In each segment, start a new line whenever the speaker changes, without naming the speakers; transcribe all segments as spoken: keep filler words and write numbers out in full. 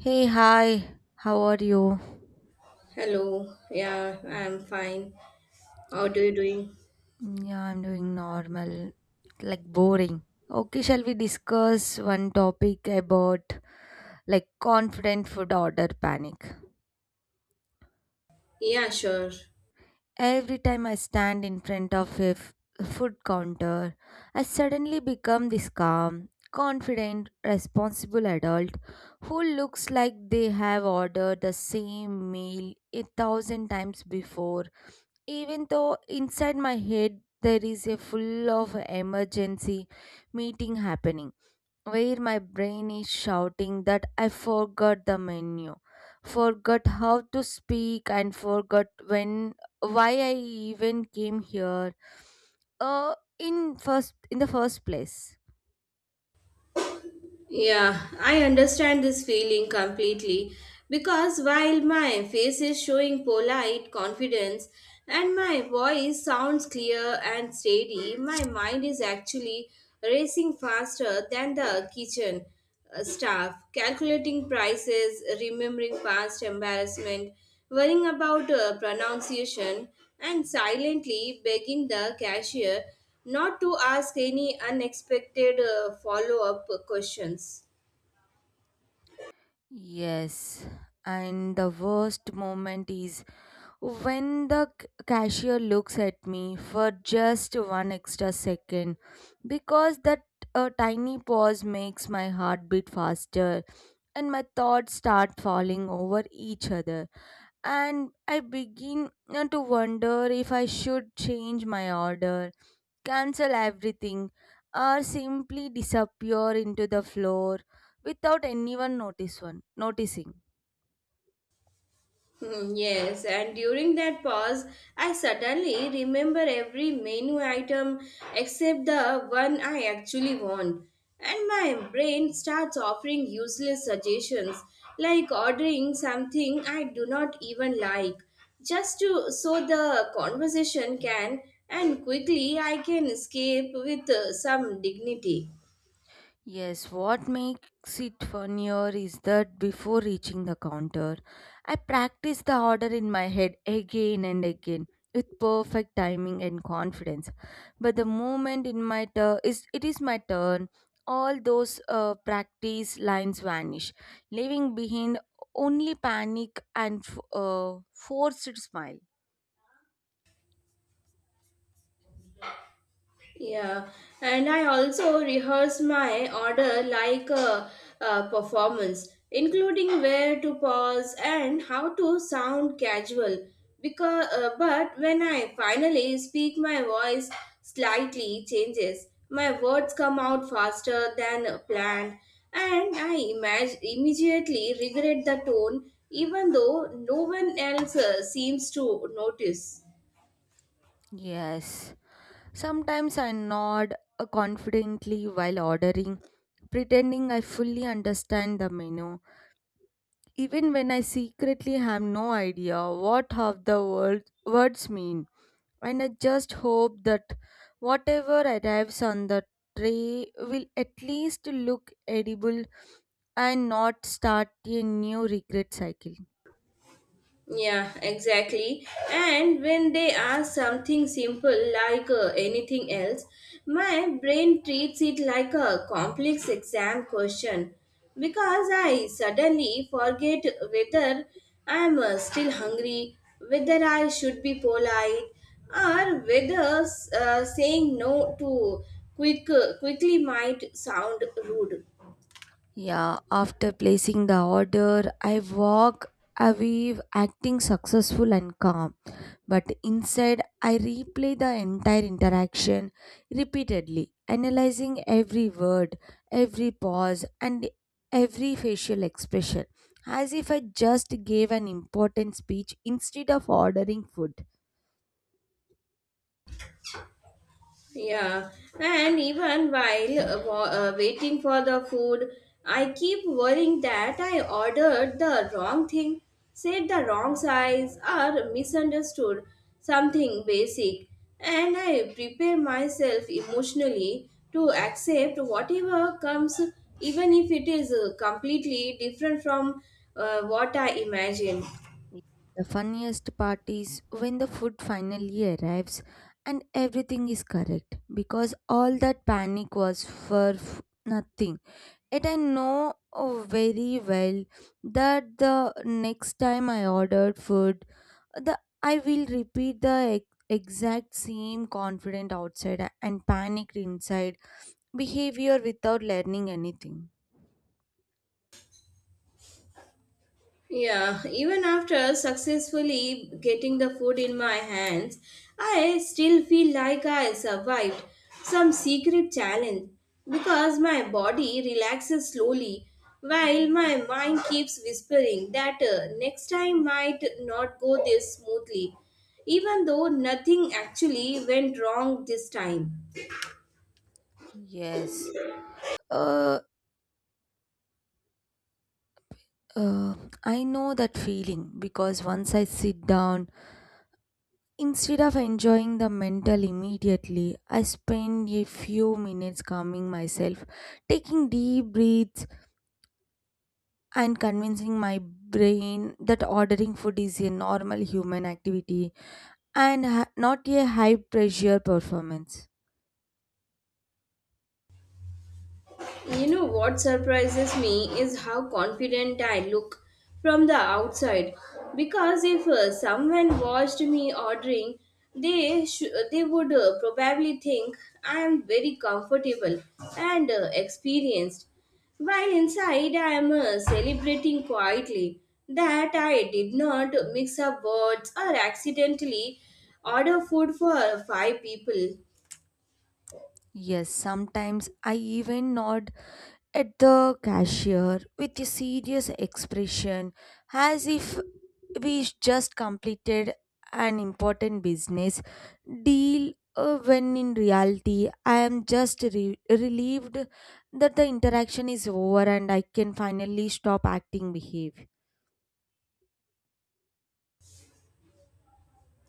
Hey, hi, how are you?
Hello. Yeah, I'm fine. How are you doing?
Mm, yeah, I'm doing normal, like boring. Okay, shall we discuss one topic about like confident food order panic?
Yeah, sure.
Every time I stand in front of a f- food counter, I suddenly become this calm, confident, responsible adult who looks like they have ordered the same meal a thousand times before, even though inside my head there is a full of emergency meeting happening, where my brain is shouting that I forgot the menu, forgot how to speak, and forgot when, why I even came here uh in first in the first place.
Yeah, I understand this feeling completely because while my face is showing polite confidence and my voice sounds clear and steady, my mind is actually racing faster than the kitchen uh, staff, calculating prices, remembering past embarrassment, worrying about uh, pronunciation, and silently begging the cashier not to ask any unexpected uh, follow up questions.
Yes, and the worst moment is when the c- cashier looks at me for just one extra second, because that uh, tiny pause makes my heart beat faster and my thoughts start falling over each other, and I begin uh, to wonder if I should change my order, cancel everything, or simply disappear into the floor without anyone notice one, noticing.
Hmm, yes, and during that pause, I suddenly remember every menu item except the one I actually want. And my brain starts offering useless suggestions like ordering something I do not even like just to so the conversation can and quickly I can escape with uh, some dignity.
Yes, what makes it funnier is that before reaching the counter, I practice the order in my head again and again with perfect timing and confidence. But the moment in my turn is it is my turn, all those uh, practice lines vanish, leaving behind only panic and f- uh, forced smile.
Yeah, and I also rehearse my order like a, a performance, including where to pause and how to sound casual. Because, uh, but when I finally speak, my voice slightly changes. My words come out faster than planned, and I imag- immediately regret the tone, even though no one else uh, seems to notice.
Yes. Sometimes I nod uh, confidently while ordering, pretending I fully understand the menu, even when I secretly have no idea what half the word, words mean. And I just hope that whatever arrives on the tray will at least look edible and not start a new regret cycle.
Yeah, exactly. And when they ask something simple like uh, anything else, my brain treats it like a complex exam question because I suddenly forget whether I'm uh, still hungry, whether I should be polite, or whether uh, saying no to quick uh, quickly might sound rude.
Yeah, after placing the order, I walk away acting successful and calm. But inside, I replay the entire interaction repeatedly, analyzing every word, every pause, and every facial expression as if I just gave an important speech instead of ordering food.
Yeah, and even while uh, wa- uh, waiting for the food, I keep worrying that I ordered the wrong thing, said the wrong size, or misunderstood something basic. And I prepare myself emotionally to accept whatever comes, even if it is uh, completely different from uh, what I imagined.
The funniest part is when the food finally arrives and everything is correct because all that panic was for f- nothing. Yet I know, oh, very well that the next time I ordered food, the I will repeat the ex- exact same confident outside and panicked inside behavior without learning anything.
Yeah, even after successfully getting the food in my hands, I still feel like I survived some secret challenge because my body relaxes slowly while my mind keeps whispering that uh, next time might not go this smoothly, even though nothing actually went wrong this time.
Yes. Uh, Uh, I know that feeling because once I sit down, instead of enjoying the mental immediately, I spend a few minutes calming myself, taking deep breaths, and convincing my brain that ordering food is a normal human activity and ha- not a high pressure performance.
You know what surprises me is how confident I look from the outside. Because if uh, someone watched me ordering, they sh- they would uh, probably think I am very comfortable and uh, experienced. While inside, I am uh, celebrating quietly that I did not mix up words or accidentally order food for five people.
Yes, sometimes I even nod at the cashier with a serious expression as if we just completed an important business deal, uh, when in reality I am just re- relieved that the interaction is over and I can finally stop acting behave.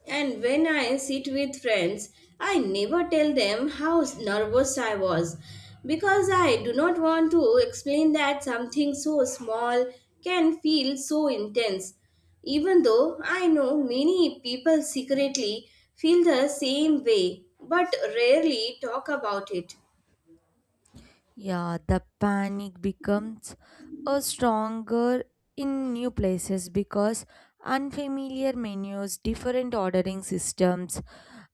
And when I sit with friends, I never tell them how nervous I was because I do not want to explain that something so small can feel so intense. Even though I know many people secretly feel the same way but rarely talk about it.
Yeah, the panic becomes a stronger in new places because unfamiliar menus, different ordering systems,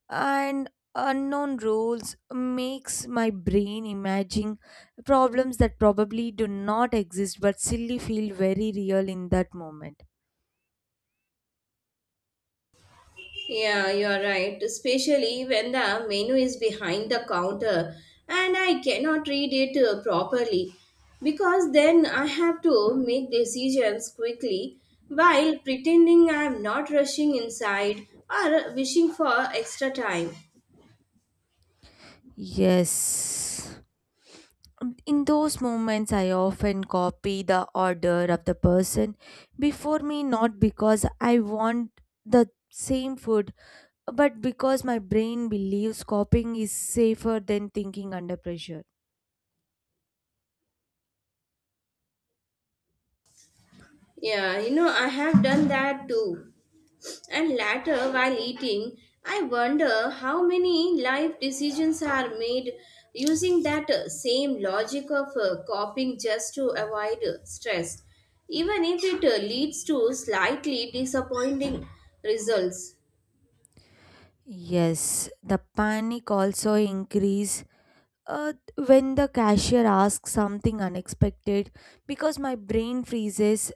and unknown rules makes my brain imagine problems that probably do not exist but still feel very real in that moment.
Yeah, you are right, especially when the menu is behind the counter and I cannot read it uh, properly because then I have to make decisions quickly while pretending I am not rushing inside or wishing for extra time.
Yes, in those moments I often copy the order of the person before me, not because I want the same food, but because my brain believes copying is safer than thinking under pressure.
Yeah, you know, I have done that too. And later, while eating, I wonder how many life decisions are made using that uh, same logic of uh, coping just to avoid uh, stress, even if it uh, leads to slightly disappointing results.
Yes, the panic also increase uh, when the cashier asks something unexpected because my brain freezes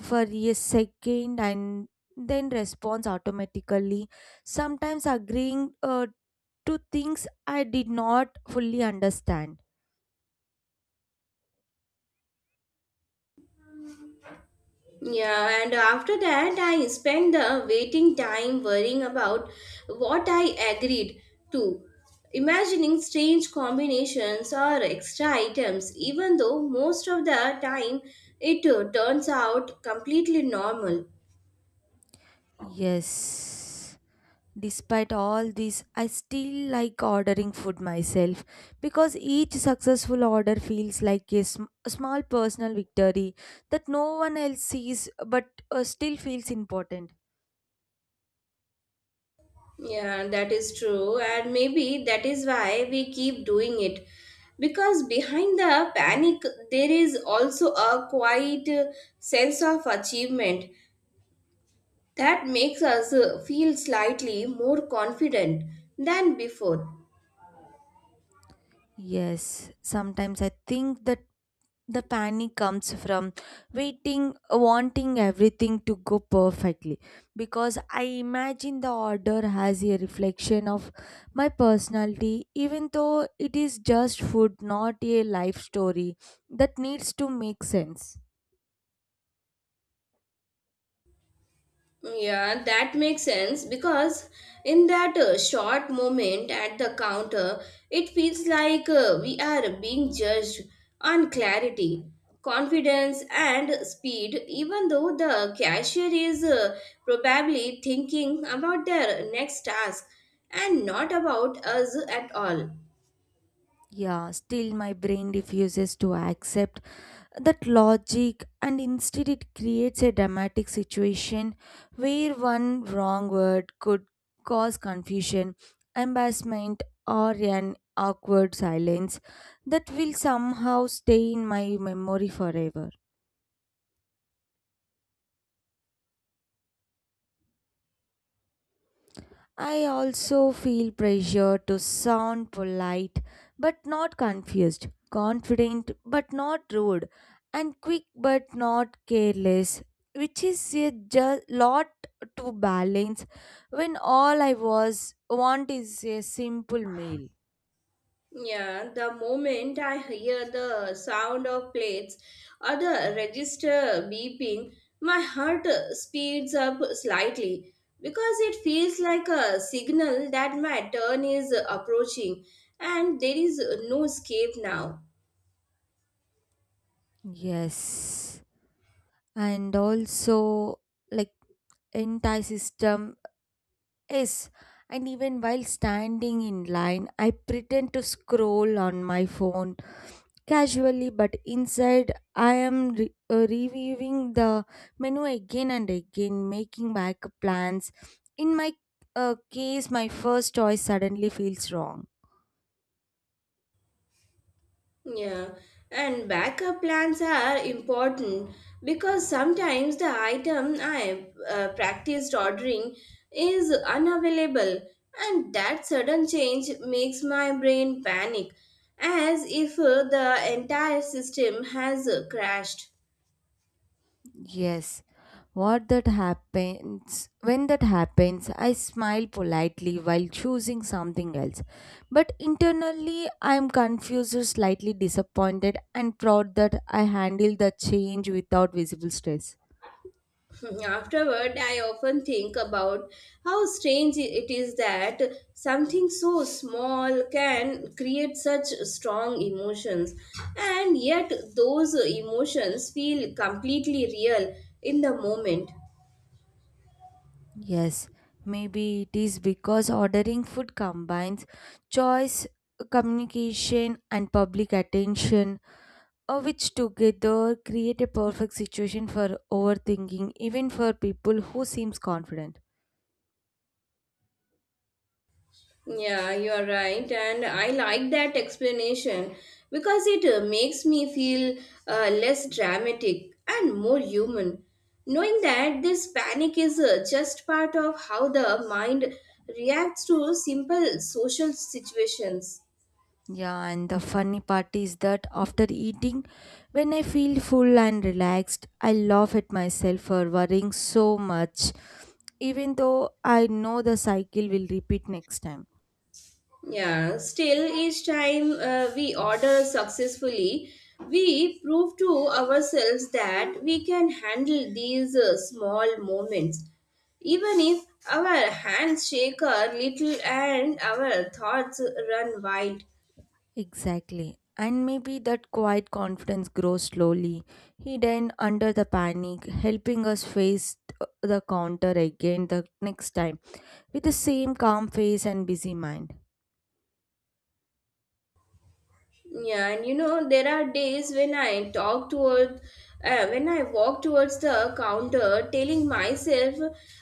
for a second and then responds automatically, sometimes agreeing uh, to things I did not fully understand.
Yeah, and after that, I spent the waiting time worrying about what I agreed to, imagining strange combinations or extra items, even though most of the time it uh, turns out completely normal.
Yes, despite all this, I still like ordering food myself because each successful order feels like a, sm- a small personal victory that no one else sees but uh, still feels important.
Yeah, that is true, and maybe that is why we keep doing it. Because behind the panic, there is also a quiet uh, sense of achievement that makes us uh, feel slightly more confident than before.
Yes, sometimes I think that the panic comes from waiting, wanting everything to go perfectly because I imagine the order has a reflection of my personality, even though it is just food, not a life story that needs to make sense.
Yeah, that makes sense because in that uh, short moment at the counter, it feels like uh, we are being judged on clarity, confidence, and speed, even though the cashier is uh, probably thinking about their next task and not about us at all.
Yeah, still my brain refuses to accept that logic, and instead, it creates a dramatic situation where one wrong word could cause confusion, embarrassment, or an awkward silence that will somehow stay in my memory forever. I also feel pressure to sound polite but not confused, confident but not rude, and quick but not careless, which is a ju- lot to balance when all I was want is a simple meal.
Yeah, the moment I hear the sound of plates or the register beeping, my heart uh, speeds up slightly because it feels like a signal that my turn is approaching and there is no escape now.
Yes, and also, like, anti system is. And even while standing in line, I pretend to scroll on my phone casually, but inside I am re- uh, reviewing the menu again and again, making backup plans. In my uh, case, my first choice suddenly feels wrong.
Yeah, and backup plans are important because sometimes the item I uh, practiced ordering is unavailable, and that sudden change makes my brain panic as if uh, the entire system has uh, crashed.
Yes, what that happens when that happens, I smile politely while choosing something else. But internally, I am confused or slightly disappointed and proud that I handled the change without visible stress.
Afterward, I often think about how strange it is that something so small can create such strong emotions, and yet those emotions feel completely real in the moment.
Yes, maybe it is because ordering food combines choice, communication, and public attention, uh, which together create a perfect situation for overthinking, even for people who seems confident.
Yeah, you are right, and I like that explanation because it uh, makes me feel uh, less dramatic and more human. Knowing that this panic is uh, just part of how the mind reacts to simple social situations.
Yeah, and the funny part is that after eating, when I feel full and relaxed, I laugh at myself for worrying so much, even though I know the cycle will repeat next time.
Yeah, still, each time uh, we order successfully, we prove to ourselves that we can handle these uh, small moments. Even if our hands shake a little and our thoughts run wild.
Exactly. And maybe that quiet confidence grows slowly, hidden under the panic, helping us face th- the counter again the next time with the same calm face and busy mind.
Yeah, and you know, there are days when I talk toward, uh, when I walk towards the counter, telling myself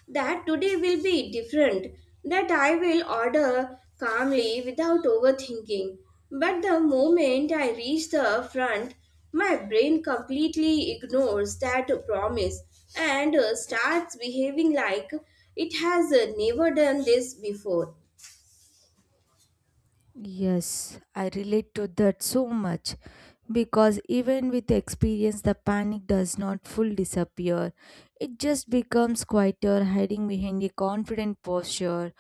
that today will be different, that I will order calmly without overthinking. But the moment I reach the front, my brain completely ignores that promise and uh, starts behaving like it has uh, never done this before.
Yes, I relate to that so much because even with experience, the panic does not full disappear. It just becomes quieter, hiding behind a confident posture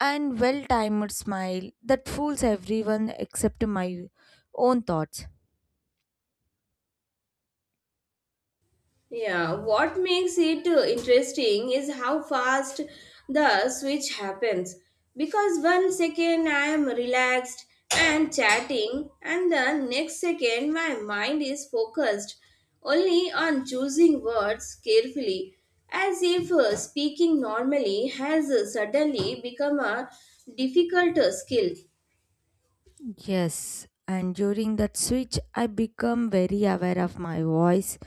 and well timed smile that fools everyone except my own thoughts.
Yeah, what makes it uh, interesting is how fast the switch happens. Because one second I am relaxed and chatting, and the next second my mind is focused only on choosing words carefully, as if uh, speaking normally has uh, suddenly become a difficult uh, skill.
Yes, and during that switch, I become very aware of my voice,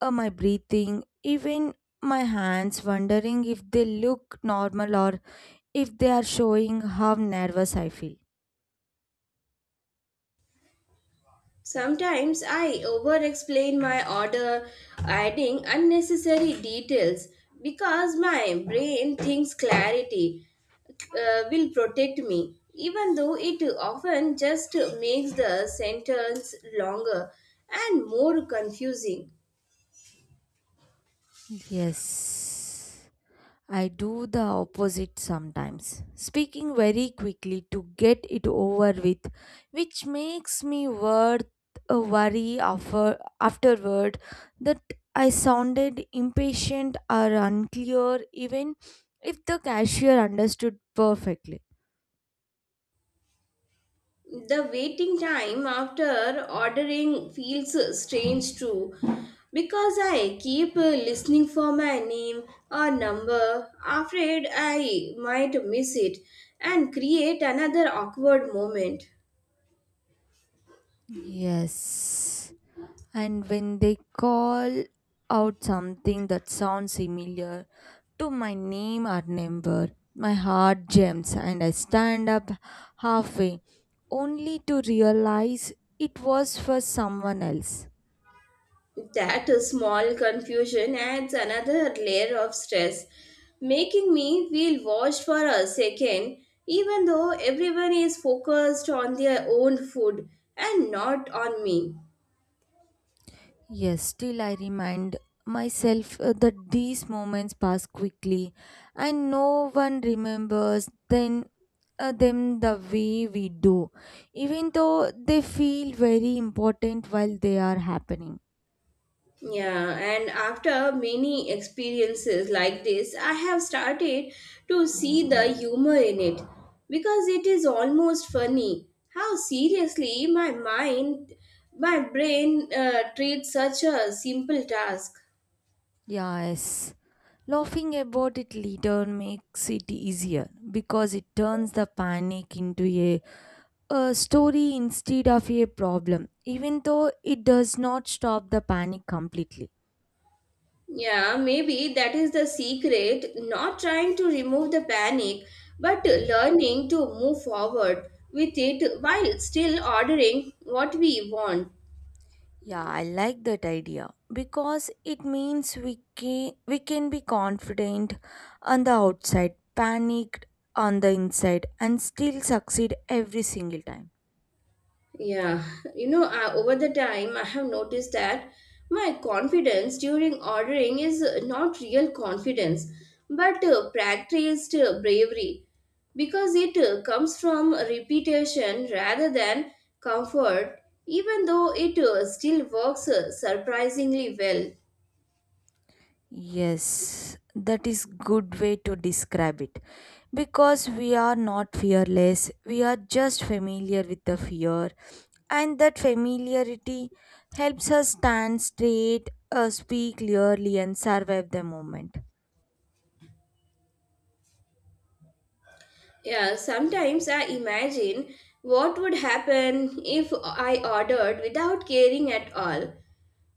uh, my breathing, even my hands, wondering if they look normal or if they are showing how nervous I feel.
Sometimes I over explain my order, adding unnecessary details because my brain thinks clarity uh, will protect me, even though it often just makes the sentence longer and more confusing.
Yes, I do the opposite sometimes, speaking very quickly to get it over with, which makes me worth a worry after, afterward that I sounded impatient or unclear, even if the cashier understood perfectly.
The waiting time after ordering feels strange too because I keep uh, listening for my name or number, afraid I might miss it and create another awkward moment.
Yes. And when they call out something that sounds similar to my name or number, my heart jumps and I stand up halfway, only to realize it was for someone else.
That small confusion adds another layer of stress, making me feel watched for a second, even though everyone is focused on their own food and not on me.
Yes, still I remind myself uh, that these moments pass quickly and no one remembers then uh, them the way we do, even though they feel very important while they are happening.
Yeah, and after many experiences like this, I have started to see the humor in it because it is almost funny how seriously my mind, my brain uh, treats such a simple task.
Yes. Laughing about it later makes it easier because it turns the panic into a, a story instead of a problem, even though it does not stop the panic completely.
Yeah, maybe that is the secret, not trying to remove the panic but learning to move forward with it while still ordering what we want.
Yeah, I like that idea because it means we can, we can be confident on the outside, panicked on the inside, and still succeed every single time.
Yeah, you know, uh, over the time, I have noticed that my confidence during ordering is uh, not real confidence, but uh, practiced uh, bravery because it uh, comes from repetition rather than comfort, even though it uh, still works uh, surprisingly well.
Yes, that is good way to describe it because we are not fearless. We are just familiar with the fear, and that familiarity helps us stand straight, uh, speak clearly, and survive the moment.
Yeah, sometimes I imagine what would happen if I ordered without caring at all,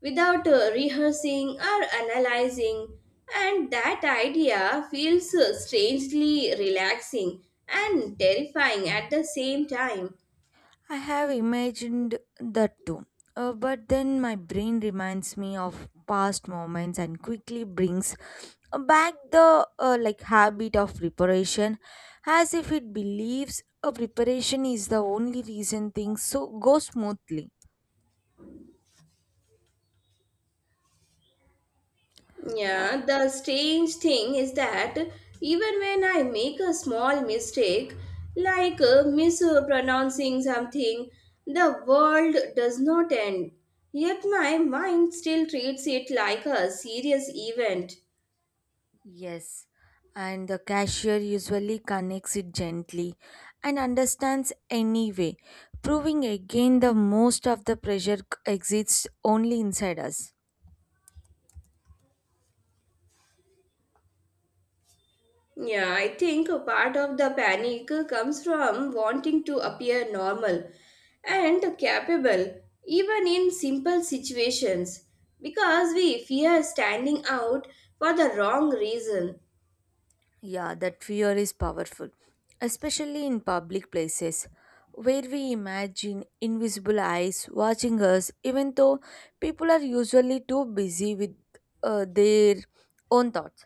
without uh, rehearsing or analyzing, and that idea feels uh, strangely relaxing and terrifying at the same time.
I have imagined that too. Uh, but then my brain reminds me of past moments and quickly brings uh, back the uh, like habit of preparation as if it believes a preparation is the only reason things so go smoothly. Uh,
Yeah, the strange thing is that even when I make a small mistake, like uh, mispronouncing something, the world does not end. Yet my mind still treats it like a serious event.
yes, and the cashier usually connects it gently and understands anyway, proving again the most of the pressure c- exists only inside us.
Yeah, I think a part of the panic comes from wanting to appear normal and capable, even in simple situations, because we fear standing out for the wrong reason.
Yeah, that fear is powerful, especially in public places where we imagine invisible eyes watching us, even though people are usually too busy with uh, their own thoughts.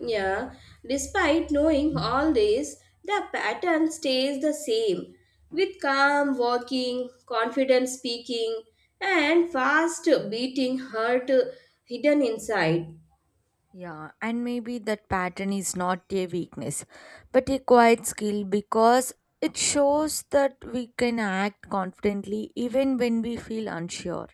Yeah, despite knowing all this, the pattern stays the same with calm walking, confident speaking, and fast beating heart hidden inside.
Yeah, and maybe that pattern is not a weakness, but a quiet skill because it shows that we can act confidently even when we feel unsure.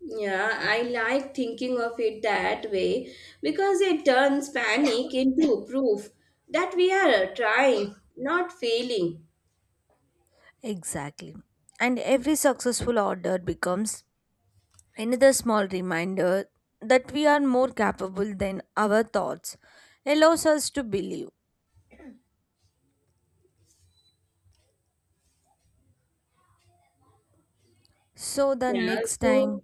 Yeah, I like thinking of it that way because it turns panic into proof that we are uh, trying, not failing.
Exactly. And every successful order becomes another small reminder that we are more capable than our thoughts allows us to believe. So the
Yeah,
next
so,
time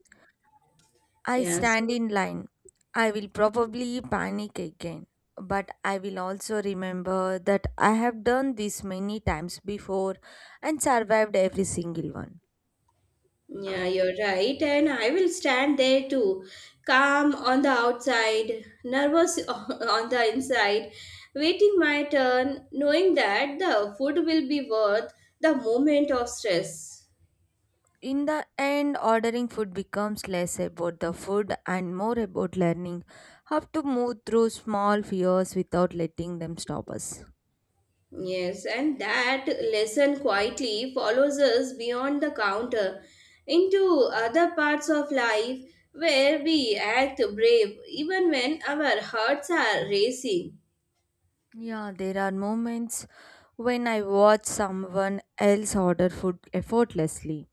I
yeah, so,
stand in line, I will probably panic again. But I will also remember that I have done this many times before and survived every single one.
yeah, you're right. And I will stand there too, calm on the outside, nervous on the inside, waiting my turn, knowing that the food will be worth the moment of stress.
In the end, ordering food becomes less about the food and more about learning how to move through small fears without letting them stop us.
Yes, and that lesson quietly follows us beyond the counter into other parts of life where we act brave even when our hearts are racing.
Yeah, there are moments when I watch someone else order food effortlessly,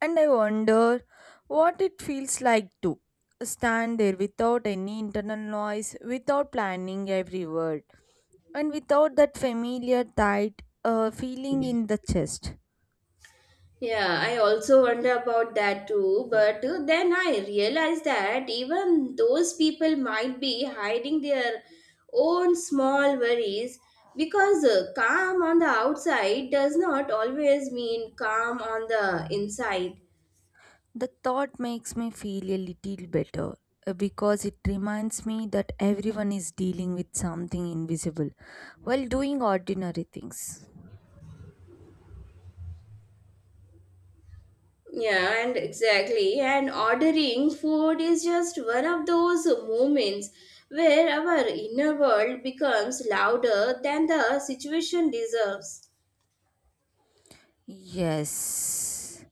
and I wonder what it feels like to stand there without any internal noise, without planning every word, and without that familiar tight uh, feeling in the chest.
Yeah, I also wonder about that too, but then I realized that even those people might be hiding their own small worries because uh, calm on the outside does not always mean calm on the inside.
The thought makes me feel a little better uh, because it reminds me that everyone is dealing with something invisible while doing ordinary things.
Yeah, and exactly. And ordering food is just one of those moments where our inner world becomes louder than the situation deserves.
Yes.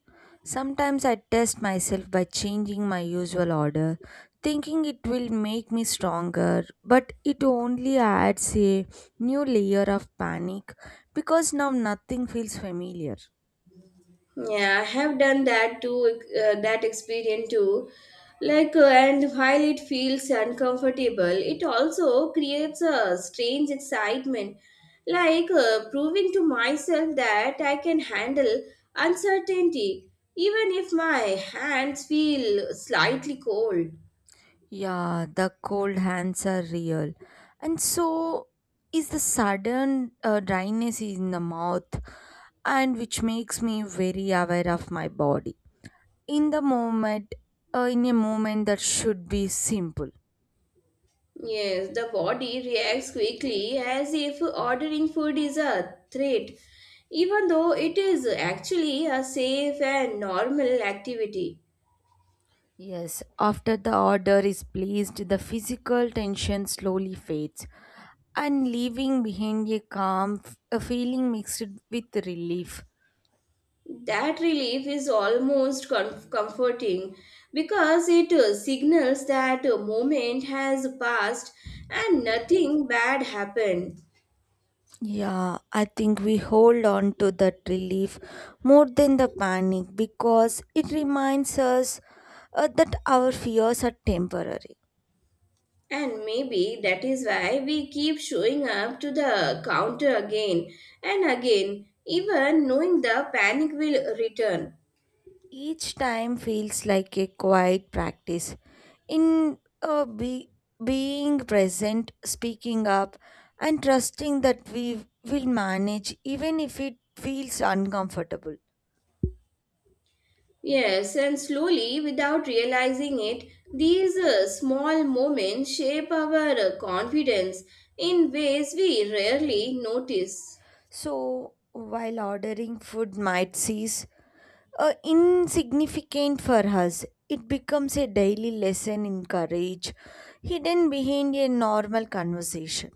Sometimes I test myself by changing my usual order, thinking it will make me stronger, but it only adds a new layer of panic because now nothing feels familiar.
Yeah, I have done that too, uh, that experience too. Like, uh, and while it feels uncomfortable, it also creates a strange excitement. Like, uh, proving to myself that I can handle uncertainty, even if my hands feel slightly cold.
Yeah, the cold hands are real. And so is the sudden uh, dryness in the mouth, and which makes me very aware of my body in the moment uh, in a moment that should be simple.
Yes, the body reacts quickly as if ordering food is a threat, even though it is actually a safe and normal activity.
Yes, after the order is placed, the physical tension slowly fades, and leaving behind a calm f- a feeling mixed with relief.
That relief is almost com- comforting because it uh, signals that a moment has passed and nothing bad happened.
Yeah, I think we hold on to that relief more than the panic because it reminds us uh, that our fears are temporary.
And maybe that is why we keep showing up to the counter again and again, even knowing the panic will return.
Each time feels like a quiet practice in uh, be, being present, speaking up, and trusting that we will manage even if it feels uncomfortable.
Yes, and slowly, without realizing it, these uh, small moments shape our uh, confidence in ways we rarely notice.
So, while ordering food might cease uh, insignificant for us, it becomes a daily lesson in courage hidden behind a normal conversation.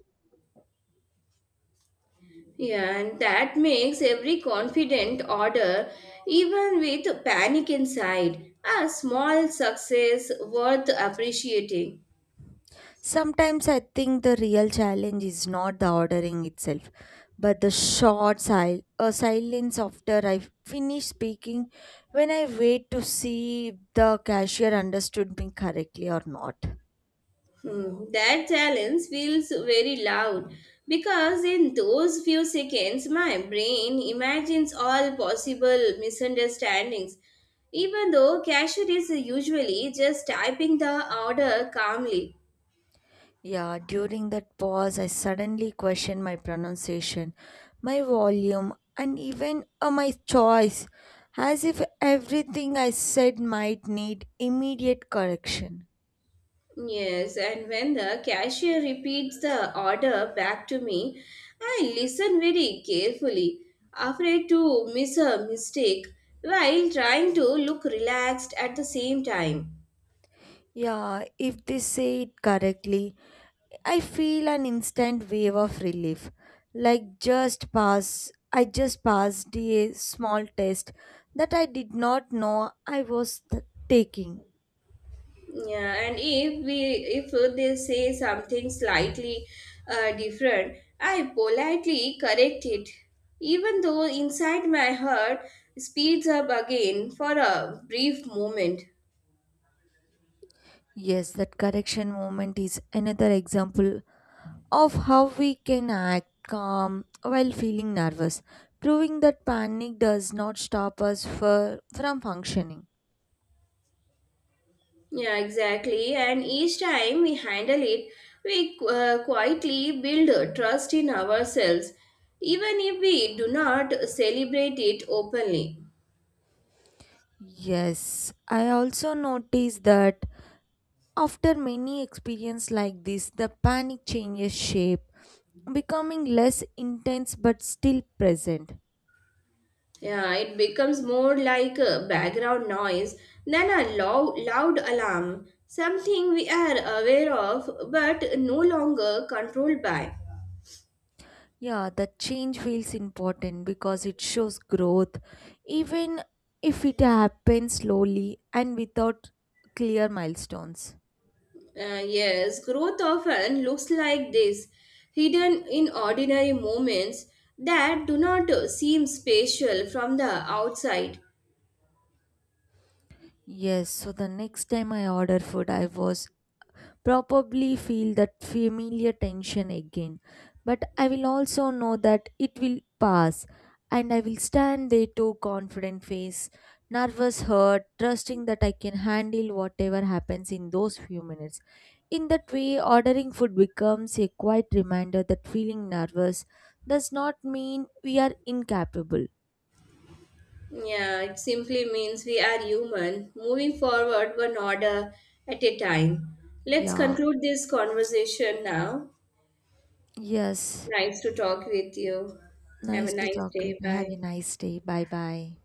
Yeah, and that makes every confident order, even with panic inside, a small success worth appreciating.
Sometimes I think the real challenge is not the ordering itself, but the short sil- uh, silence after I finish speaking, when I wait to see if the cashier understood me correctly or not.
Hmm, that challenge feels very loud because in those few seconds, my brain imagines all possible misunderstandings, even though cashier is usually just typing the order calmly.
Yeah, during that pause, I suddenly question my pronunciation, my volume, and even uh, my choice, as if everything I said might need immediate correction.
Yes, and when the cashier repeats the order back to me, I listen very carefully, afraid to miss a mistake while trying to look relaxed at the same time.
Yeah, if they say it correctly, I feel an instant wave of relief. Like just pass I just passed a small test that I did not know I was th- taking.
Yeah, and if we if they say something slightly uh, different, I politely correct it, even though inside my heart speeds up again for a brief moment.
Yes, that correction moment is another example of how we can act calm while feeling nervous, proving that panic does not stop us for, from functioning.
Yeah, exactly. And each time we handle it, we uh, quietly build a trust in ourselves, even if we do not celebrate it openly.
Yes, I also noticed that after many experiences like this, the panic changes shape, becoming less intense but still present.
Yeah, it becomes more like a background noise than a loud, loud alarm, something we are aware of but no longer controlled by.
Yeah, the change feels important because it shows growth, even if it happens slowly and without clear milestones.
Uh, yes, growth often looks like this, hidden in ordinary moments that do not uh, seem special from the outside.
Yes, so the next time I order food, I was probably feel that familiar tension again. But I will also know that it will pass, and I will stand there too confident face, nervous hurt, trusting that I can handle whatever happens in those few minutes. In that way, ordering food becomes a quiet reminder that feeling nervous does not mean we are incapable.
Yeah, it simply means we are human, moving forward one order at a time. Let's
Yeah,
conclude this conversation now.
yes.
Nice to talk with you. Have a
Nice to
nice
talk
day.
with you.
Bye.
Have a nice day. Bye bye.